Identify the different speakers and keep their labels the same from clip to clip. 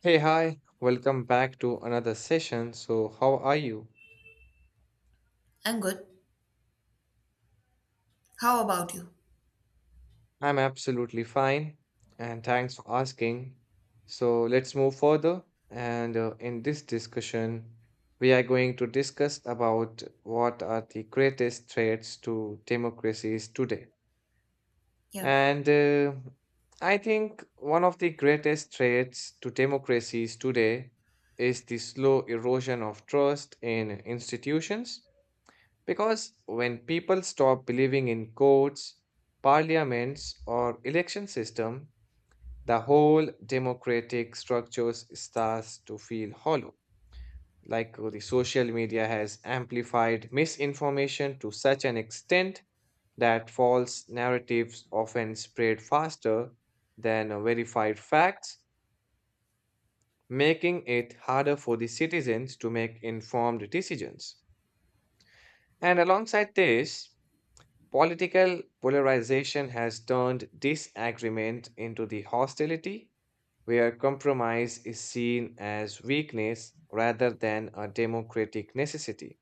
Speaker 1: Hey, hi, welcome back to another session. So, how are you?
Speaker 2: I'm good. How about you?
Speaker 1: I'm absolutely fine, and thanks for asking. So, let's move further. And in this discussion, we are going to discuss about what are the greatest threats to democracies today.
Speaker 2: Yeah,
Speaker 1: And I think one of the greatest threats to democracies today is the slow erosion of trust in institutions, because when people stop believing in courts, parliaments, or election system, the whole democratic structures starts to feel hollow. The social media has amplified misinformation to such an extent that false narratives often spread faster than verified facts, making it harder for the citizens to make informed decisions. And alongside this, political polarization has turned disagreement into the hostility, where compromise is seen as weakness rather than a democratic necessity.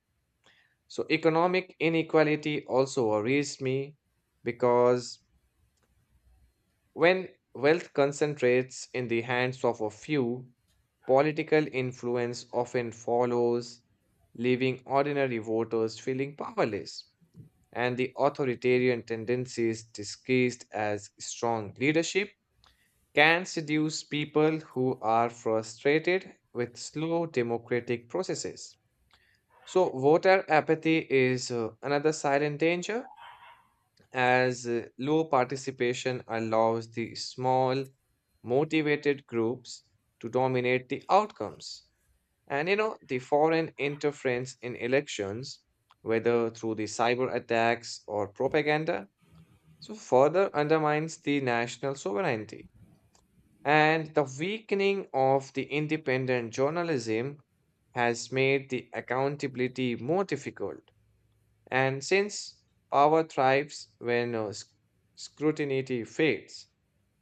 Speaker 1: So, economic inequality also worries me because when wealth concentrates in the hands of a few, political influence often follows, leaving ordinary voters feeling powerless, and the authoritarian tendencies disguised as strong leadership can seduce people who are frustrated with slow democratic processes. So, voter apathy is another silent danger, as low participation allows the small, motivated groups to dominate the outcomes. And you know, the foreign interference in elections, whether through the cyber attacks or propaganda, so further undermines the national sovereignty. And the weakening of the independent journalism has made the accountability more difficult. And since power thrives when scrutiny fades,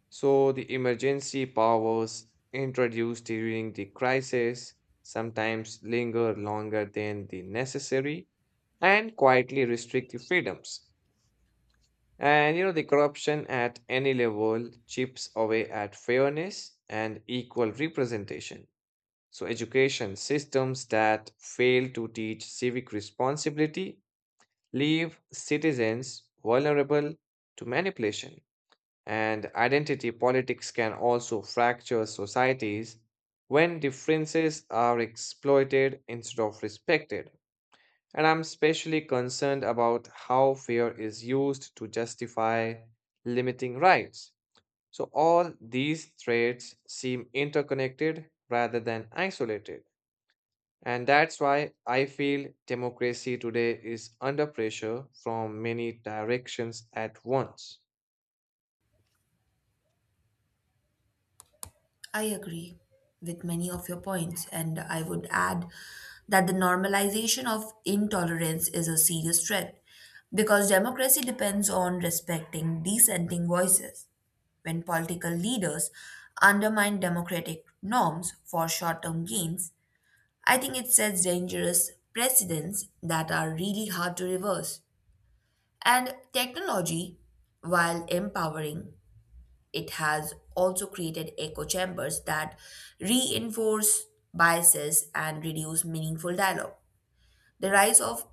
Speaker 1: so the emergency powers introduced during the crisis sometimes linger longer than the necessary and quietly restrict the freedoms. And you know, the corruption at any level chips away at fairness and equal representation. So, education systems that fail to teach civic responsibility leave citizens vulnerable to manipulation. And identity politics can also fracture societies when differences are exploited instead of respected. And I'm especially concerned about how fear is used to justify limiting rights. So, all these threats seem interconnected rather than isolated. And that's why I feel democracy today is under pressure from many directions at once.
Speaker 2: I agree with many of your points, and I would add that the normalization of intolerance is a serious threat because democracy depends on respecting dissenting voices. When political leaders undermine democratic norms for short term gains, I think it sets dangerous precedents that are really hard to reverse. And technology, while empowering, it has also created echo chambers that reinforce biases and reduce meaningful dialogue. The rise of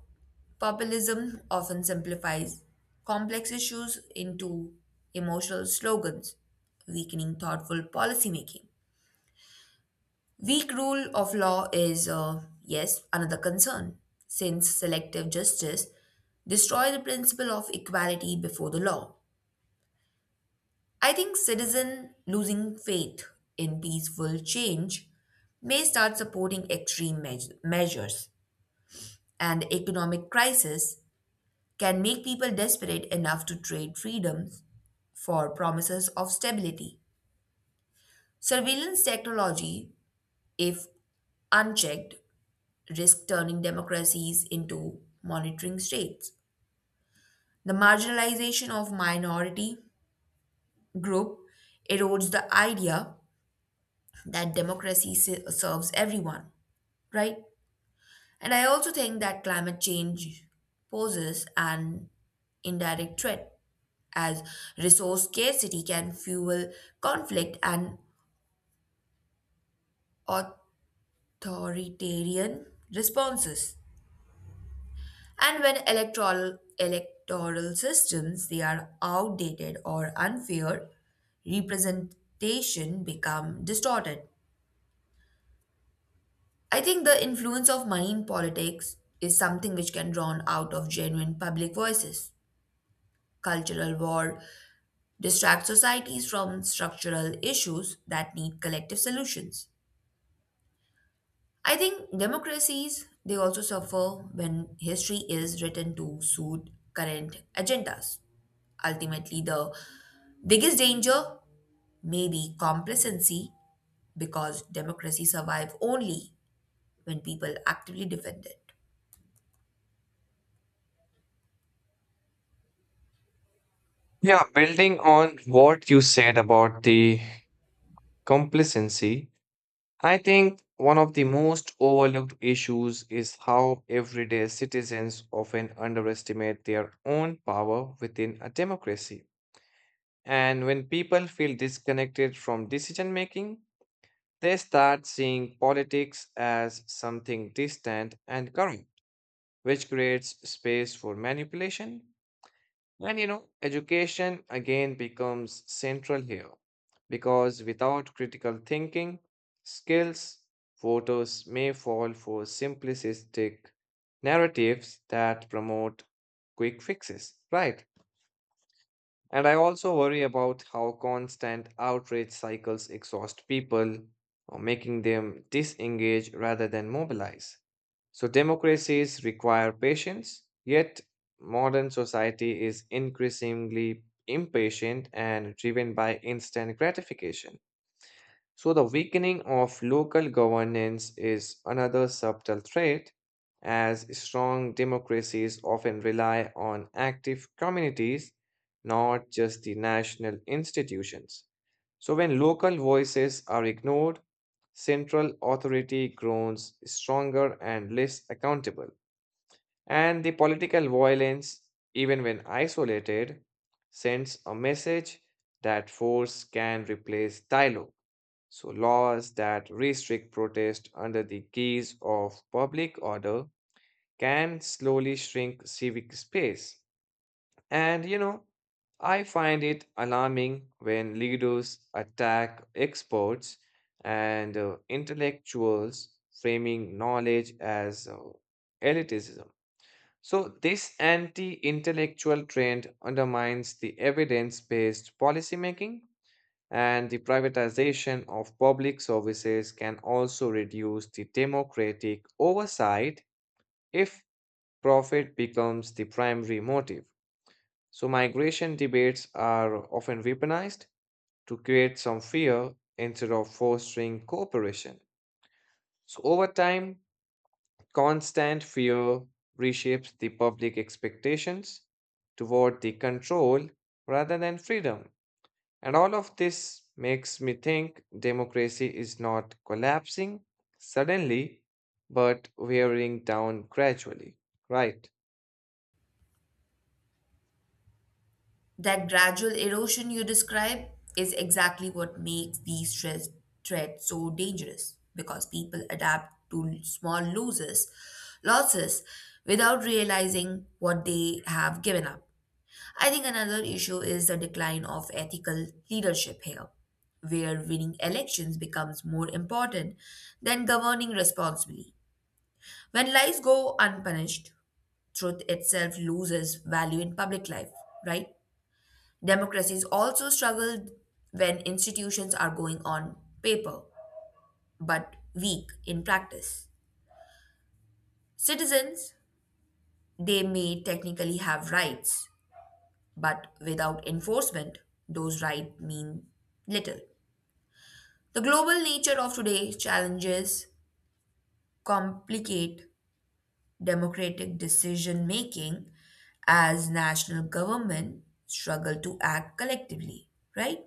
Speaker 2: populism often simplifies complex issues into emotional slogans, weakening thoughtful policymaking. Weak rule of law is, yes, another concern, since selective justice destroys the principle of equality before the law. I think citizens losing faith in peaceful change may start supporting measures, and economic crisis can make people desperate enough to trade freedoms for promises of stability. Surveillance technology, if unchecked, risk turning democracies into monitoring states. The marginalization of minority group erodes the idea that serves everyone, right? And I also think that climate change poses an indirect threat, as resource scarcity can fuel conflict and authoritarian responses. And when electoral systems they are outdated or unfair, representation become distorted. I think the influence of money in politics is something which can drown out of genuine public voices. Cultural war distract societies from structural issues that need collective solutions. I think democracies they also suffer when history is written to suit current agendas. Ultimately, the biggest danger may be complacency because democracy survive only when people actively defend it.
Speaker 1: Yeah, building on what you said about the complacency, I think one of the most overlooked issues is how everyday citizens often underestimate their own power within a democracy. And when people feel disconnected from decision making, they start seeing politics as something distant and corrupt, which creates space for manipulation. And you know, education again becomes central here because without critical thinking skills, voters may fall for simplistic narratives that promote quick fixes, right? And I also worry about how constant outrage cycles exhaust people, or making them disengage rather than mobilize. So, democracies require patience, yet modern society is increasingly impatient and driven by instant gratification. So, the weakening of local governance is another subtle threat, as strong democracies often rely on active communities, not just the national institutions. So, when local voices are ignored, central authority grows stronger and less accountable. And the political violence, even when isolated, sends a message that force can replace dialogue. So, laws that restrict protest under the guise of public order can slowly shrink civic space. And you know, I find it alarming when leaders attack experts and intellectuals, framing knowledge as elitism. So, this anti intellectual trend undermines the evidence based policymaking, and the privatization of public services can also reduce the democratic oversight if profit becomes the primary motive. So, migration debates are often weaponized to create some fear instead of fostering cooperation. So, over time, constant fear reshapes the public expectations toward the control rather than freedom. And all of this makes me think democracy is not collapsing suddenly, but wearing down gradually, right?
Speaker 2: That gradual erosion you describe is exactly what makes threats so dangerous because people adapt to losses without realizing what they have given up. I think another issue is the decline of ethical leadership here, where winning elections becomes more important than governing responsibly. When lies go unpunished, truth itself loses value in public life, right? Democracies also struggle when institutions are going on paper but weak in practice. Citizens, they may technically have rights, but without enforcement, those rights mean little. The global nature of today's challenges complicate democratic decision making as national government struggle to act collectively, right?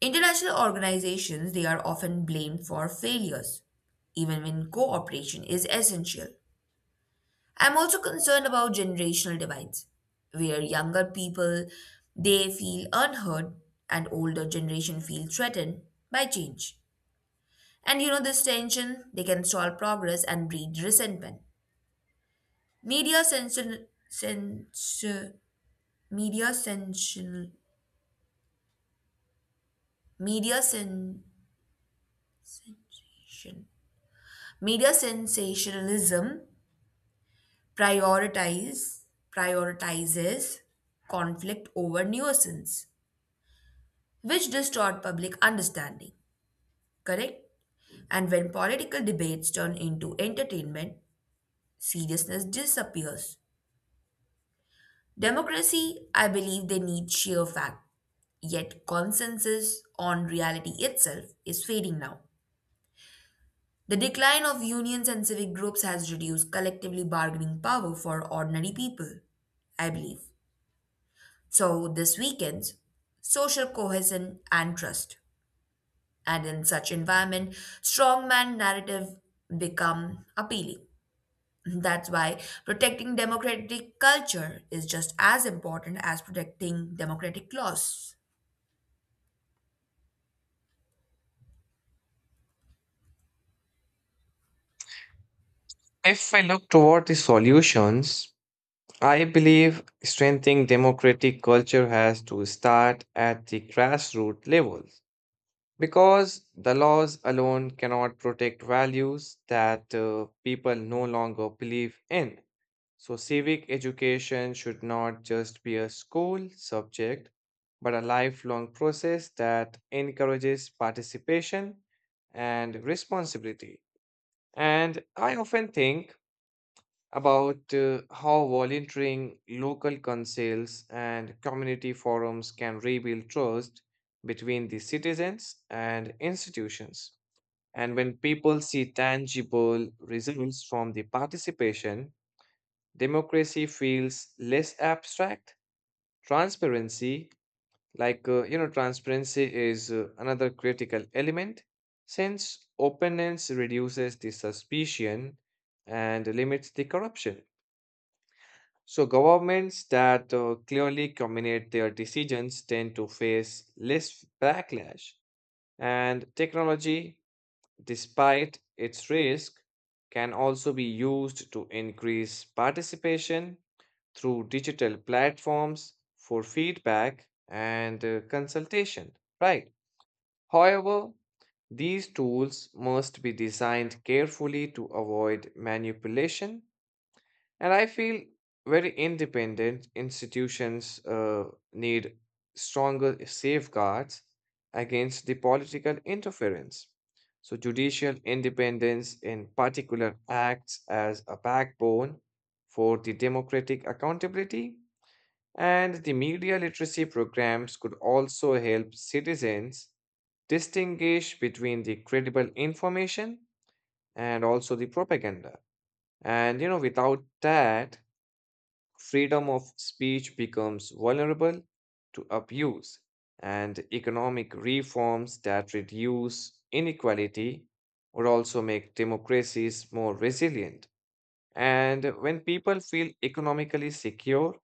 Speaker 2: International organizations, they are often blamed for failures, even when cooperation is essential. I'm also concerned about generational divides, where younger people they feel unheard and older generation feel threatened by change. And you know this tension, they can stall progress and breed resentment. Media censor, censor media censor, media censor, Media sensationalism prioritize prioritizes conflict over nuisance, which distort public understanding. Correct? And when political debates turn into entertainment, seriousness disappears. Democracy, I believe they need sheer fact, yet consensus on reality itself is fading now. The decline of unions and civic groups has reduced collectively bargaining power for ordinary people, I believe. So this weakens social cohesion and trust. And in such environment, strongman narrative become appealing. That's why protecting democratic culture is just as important as protecting democratic laws.
Speaker 1: If I look toward the solutions, I believe strengthening democratic culture has to start at the grassroots levels because the laws alone cannot protect values that people no longer believe in. So, civic education should not just be a school subject, but a lifelong process that encourages participation and responsibility. And I often think about how volunteering, local councils, and community forums can rebuild trust between the citizens and institutions. And when people see tangible results from the participation, democracy feels less abstract. Transparency, transparency is another critical element, since openness reduces the suspicion and limits the corruption. So governments that clearly communicate their decisions tend to face less backlash, and technology, despite its risk, can also be used to increase participation through digital platforms for feedback and consultation, right? However, these tools must be designed carefully to avoid manipulation, and I feel very independent institutions need stronger safeguards against the political interference. So, judicial independence in particular acts as a backbone for the democratic accountability, and the media literacy programs could also help citizens distinguish between the credible information and also the propaganda. And you know, without that, freedom of speech becomes vulnerable to abuse, and economic reforms that reduce inequality would also make democracies more resilient. And when people feel economically secure,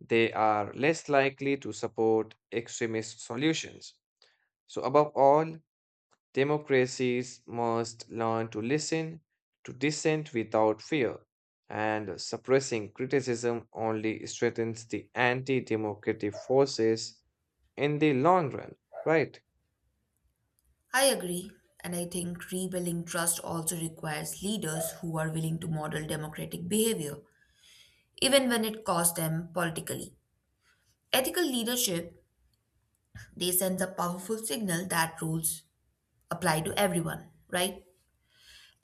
Speaker 1: they are less likely to support extremist solutions. So, above all, democracies must learn to listen to dissent without fear, and suppressing criticism only strengthens the anti democratic forces in the long run, right?
Speaker 2: I agree. And I think rebuilding trust also requires leaders who are willing to model democratic behavior, even when it costs them politically. Ethical leadership, they send a powerful signal that rules apply to everyone, right?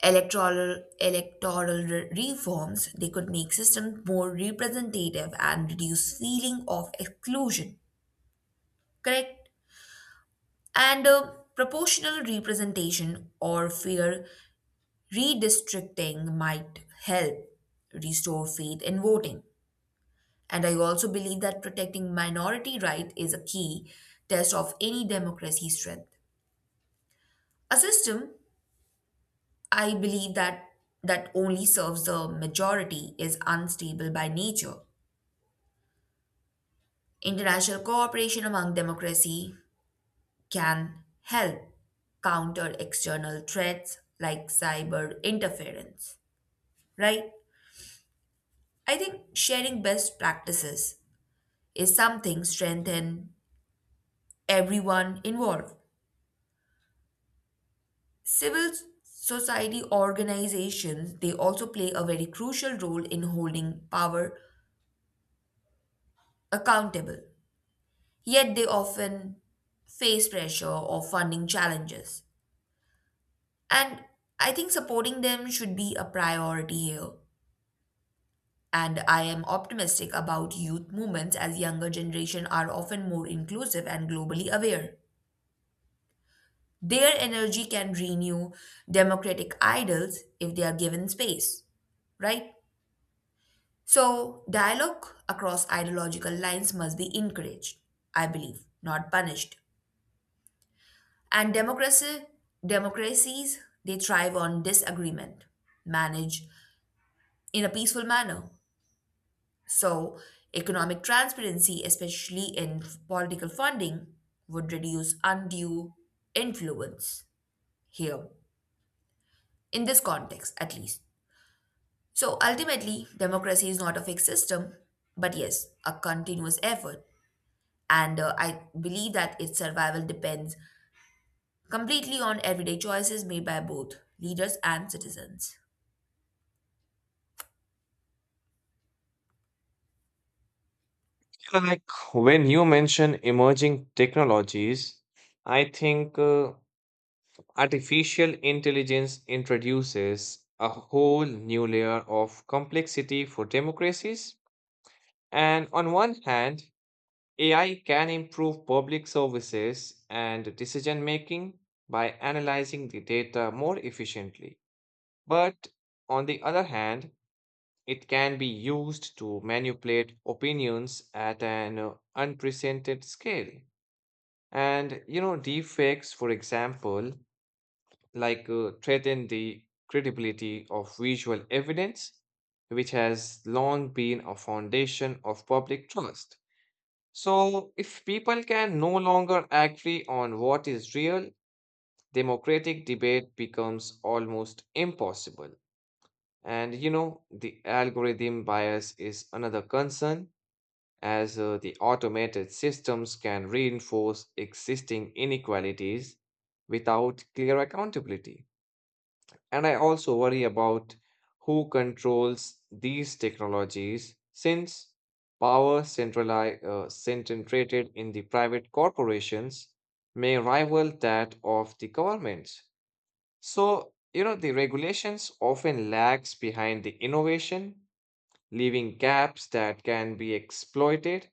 Speaker 2: Reforms they could make systems more representative and reduce feeling of exclusion, correct? And proportional representation or fair redistricting might help restore faith in voting. And I also believe that protecting minority rights is a key test of any democracy strength. A system I believe that only serves the majority is unstable by nature. International cooperation among democracy can help counter external threats like cyber interference, right? I think sharing best practices is something strengthen everyone involved. Civil society organizations they also play a very crucial role in holding power accountable. Yet they often face pressure or funding challenges. And I think supporting them should be a priority here. And I am optimistic about youth movements as younger generation are often more inclusive and globally aware. Their energy can renew democratic idols if they are given space, right? So, dialogue across ideological lines must be encouraged, I believe, not punished. And democracies, they thrive on disagreement, manage in a peaceful manner. So, economic transparency, especially in political funding, would reduce undue influence here, in this context at least. So, ultimately, democracy is not a fixed system, but yes, a continuous effort. And I believe that its survival depends completely on everyday choices made by both leaders and citizens.
Speaker 1: Like when you mention emerging technologies, I think artificial intelligence introduces a whole new layer of complexity for democracies. And on one hand, AI can improve public services and decision making by analyzing the data more efficiently. But on the other hand, it can be used to manipulate opinions at an unprecedented scale. And, you know, deepfakes, for example, threaten the credibility of visual evidence, which has long been a foundation of public trust. So, if people can no longer agree on what is real, democratic debate becomes almost impossible. And you know, the algorithm bias is another concern, as the automated systems can reinforce existing inequalities without clear accountability. And I also worry about who controls these technologies, since power concentrated in the private corporations may rival that of the governments. So, you know, the regulations often lags behind the innovation, leaving gaps that can be exploited.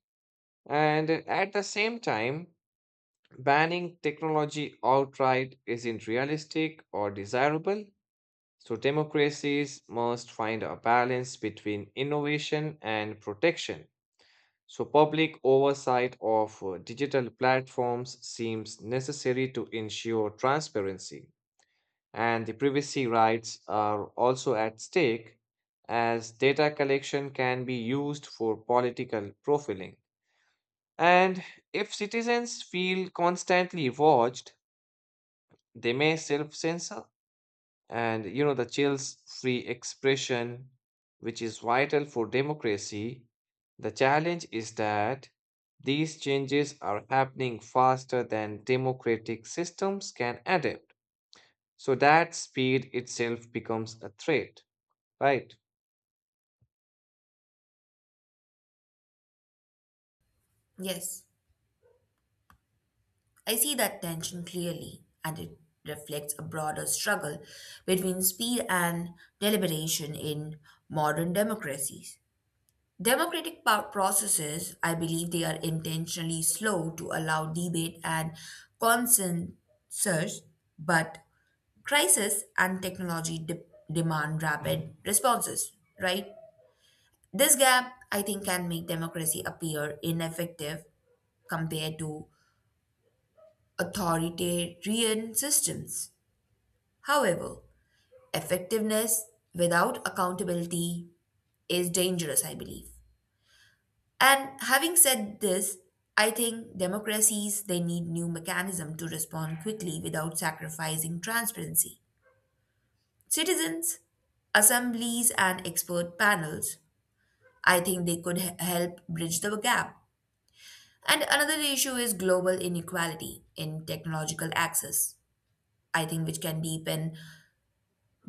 Speaker 1: And at the same time, banning technology outright isn't realistic or desirable, so democracies must find a balance between innovation and protection. So public oversight of digital platforms seems necessary to ensure transparency. And the privacy rights are also at stake, as data collection can be used for political profiling. And if citizens feel constantly watched, they may self censor, and you know the chills free expression which is vital for democracy. The challenge is that these changes are happening faster than democratic systems can adapt, so that speed itself becomes a threat, right?
Speaker 2: Yes, I see that tension clearly, and it reflects a broader struggle between speed and deliberation in modern democracies. Processes, I believe, they are intentionally slow to allow debate and consensus, but crisis and demand rapid responses, right? This gap, I think, can make democracy appear ineffective compared to authoritarian systems. However, effectiveness without accountability is dangerous, I believe. And having said this, I think democracies they need new mechanism to respond quickly without sacrificing transparency. Citizens, assemblies and expert panels, I think they could help bridge the gap. And another issue is global inequality in technological access, I think which can deepen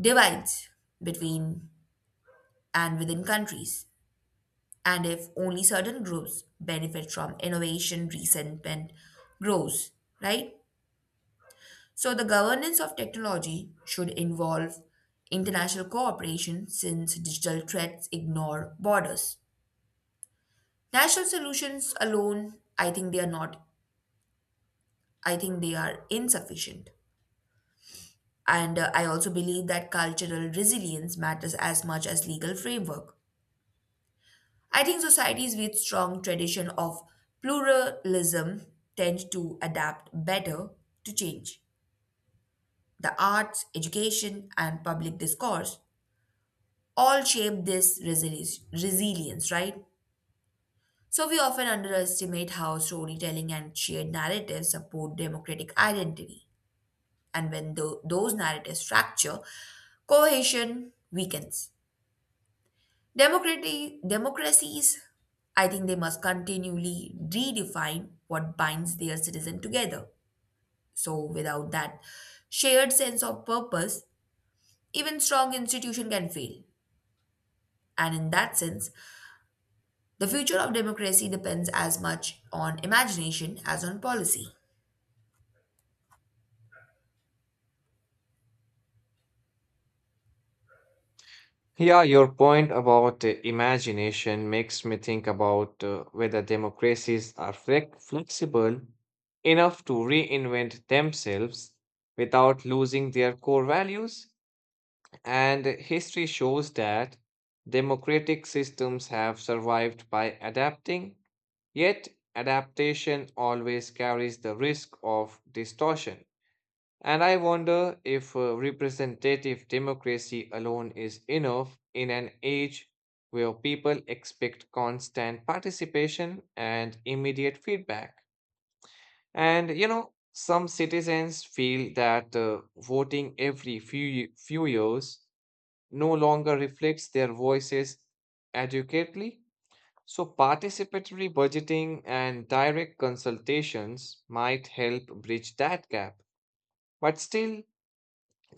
Speaker 2: divides between and within countries, and if only certain groups benefit from innovation, resentment grows, right? So, the governance of technology should involve international cooperation since digital threats ignore borders. National solutions alone, I think they are not, I think they are insufficient. And I also believe that cultural resilience matters as much as legal framework. I think societies with strong tradition of pluralism tend to adapt better to change. The arts, education, and public discourse all shape this resilience, right? So we often underestimate how storytelling and shared narratives support democratic identity. And when those narratives fracture, cohesion weakens. Democracies, I think they must continually redefine what binds their citizen together. So, without that shared sense of purpose, even strong institution can fail. And in that sense, the future of democracy depends as much on imagination as on policy.
Speaker 1: Yeah, your point about imagination makes me think about whether democracies are flexible enough to reinvent themselves without losing their core values. And history shows that democratic systems have survived by adapting, yet adaptation always carries the risk of distortion. And I wonder if representative democracy alone is enough in an age where people expect constant participation and immediate feedback. And you know, some citizens feel that voting every few years no longer reflects their voices adequately. So, participatory budgeting and direct consultations might help bridge that gap. But still,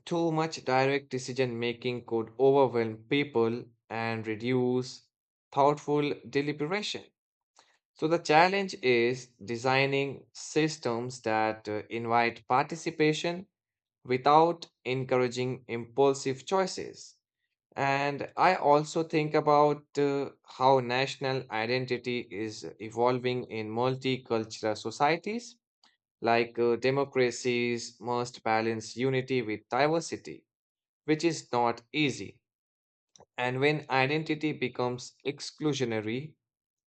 Speaker 1: too much direct decision making could overwhelm people and reduce thoughtful deliberation. So, the challenge is designing systems that invite participation without encouraging impulsive choices. And I also think about how national identity is evolving in multicultural societies, democracies must balance unity with diversity, which is not easy. And when identity becomes exclusionary,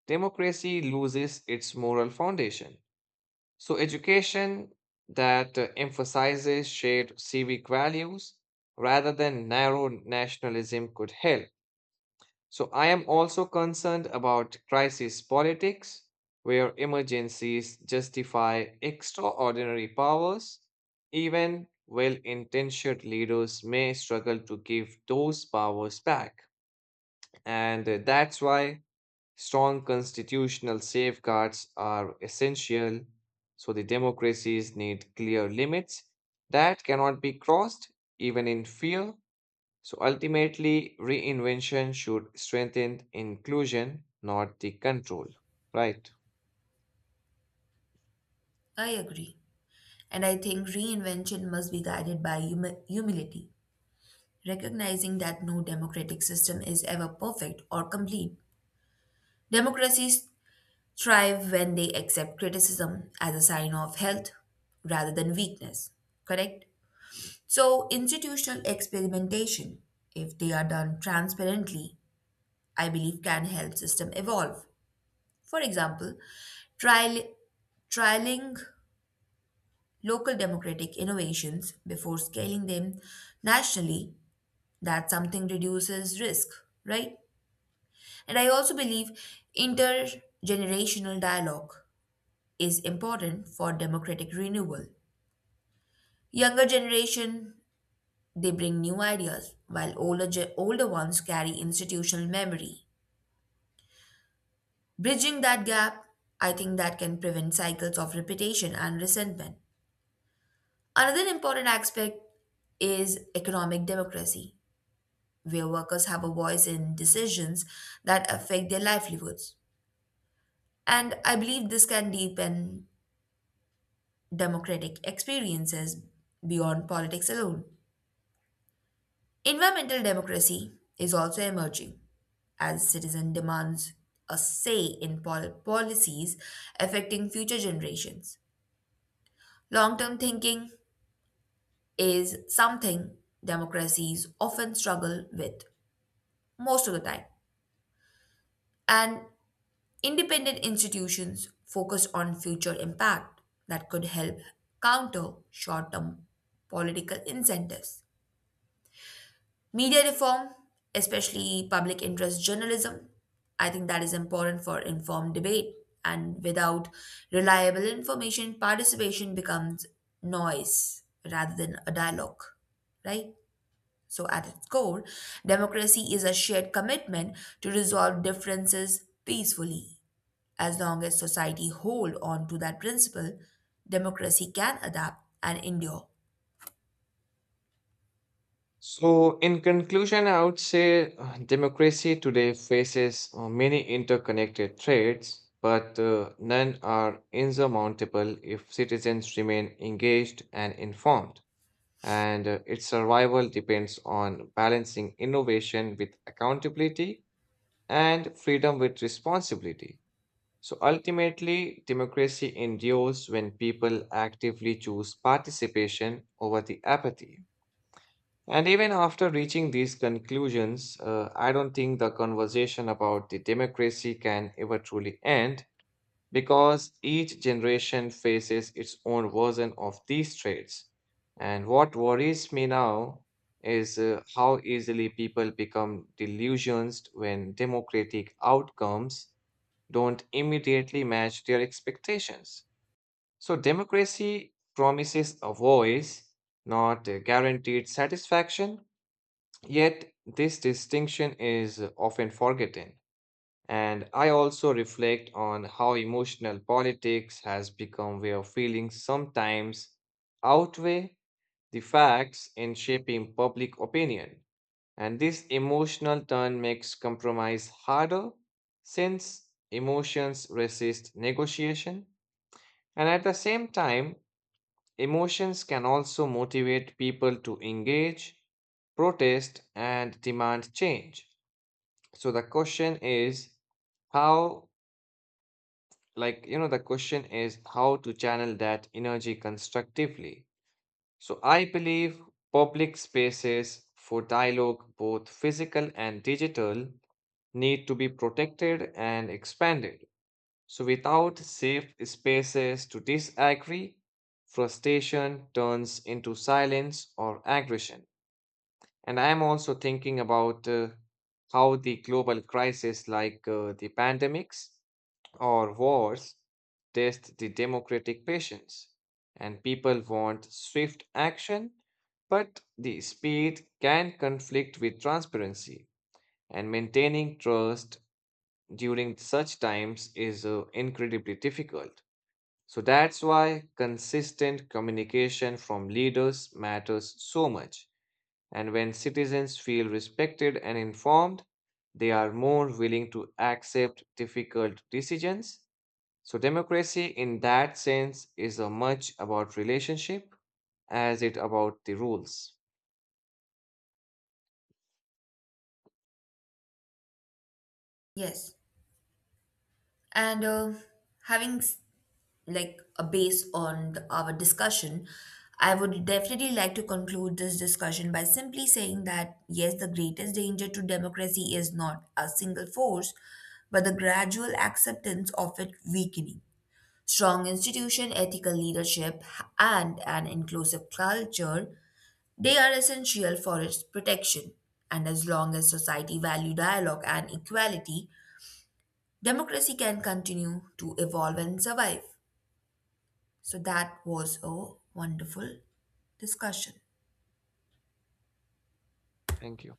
Speaker 1: democracy loses its moral foundation. So, education that emphasizes shared civic values rather than narrow nationalism could help. So I am also concerned about crisis politics, where emergencies justify extraordinary powers. Even well intentioned leaders may struggle to give those powers back. And That's why strong constitutional safeguards are essential. So the democracies need clear limits that cannot be crossed, even in fear, so ultimately, reinvention should strengthen inclusion, not the control, right?
Speaker 2: I agree. And I think reinvention must be guided by humility, recognizing that no democratic system is ever perfect or complete. Democracies thrive when they accept criticism as a sign of health rather than weakness, correct? So, institutional experimentation, if they are done transparently, I believe can help system evolve. For example, trial, trialing local democratic innovations before scaling them nationally, that something reduces risk, right? And I also believe intergenerational dialogue is important for democratic renewal. Younger generation, they bring new ideas, while older ones carry institutional memory. Bridging that gap, I think that can prevent cycles of repetition and resentment. Another important aspect is economic democracy, where workers have a voice in decisions that affect their livelihoods. And I believe this can deepen democratic experiences beyond politics alone. Environmental democracy is also emerging as citizen demands a say in policies affecting future generations. Long term thinking is something democracies often struggle with most of the time, and independent institutions focus on future impact that could help counter short term political incentives. Media reform, especially public interest journalism, I think that is important for informed debate. And without reliable information, participation becomes noise rather than a dialogue, right? So, at its core, democracy is a shared commitment to resolve differences peacefully. As long as society hold on to that principle, democracy can adapt and endure.
Speaker 1: So, in conclusion, I would say democracy today faces many interconnected threats, but none are insurmountable if citizens remain engaged and informed. And its survival depends on balancing innovation with accountability and freedom with responsibility. So ultimately, democracy endures when people actively choose participation over the apathy. And even after reaching these conclusions, I don't think the conversation about the democracy can ever truly end, because each generation faces its own version of these traits. And what worries me now is how easily people become delusioned when democratic outcomes don't immediately match their expectations. So, democracy promises a voice, not a guaranteed satisfaction, yet this distinction is often forgotten. And I also reflect on how emotional politics has become, where feelings sometimes outweigh the facts in shaping public opinion. And this emotional turn makes compromise harder, since emotions resist negotiation. And at the same time, emotions can also motivate people to engage, protest, and demand change. So the question is how, like, you know, the question is how to channel that energy constructively. So I believe public spaces for dialogue, both physical and digital, need to be protected and expanded. So without safe spaces to disagree, frustration turns into silence or aggression. And I'm also thinking about how the global crisis like the pandemics or wars test the democratic patience, and people want swift action, but the speed can conflict with transparency, and maintaining trust during such times is incredibly difficult. So that's why consistent communication from leaders matters so much. And when citizens feel respected and informed, they are more willing to accept difficult decisions, so democracy in that sense is a much about relationship as it about the rules.
Speaker 2: Yes. And having s- like a base on the, our discussion, I would definitely like to conclude this discussion by simply saying that yes, the greatest danger to democracy is not a single force, but the gradual acceptance of it weakening. Strong institution, ethical leadership, and an inclusive culture, they are essential for its protection. And as long as society value dialogue and equality, democracy can continue to evolve and survive. So that was a wonderful discussion.
Speaker 1: Thank you.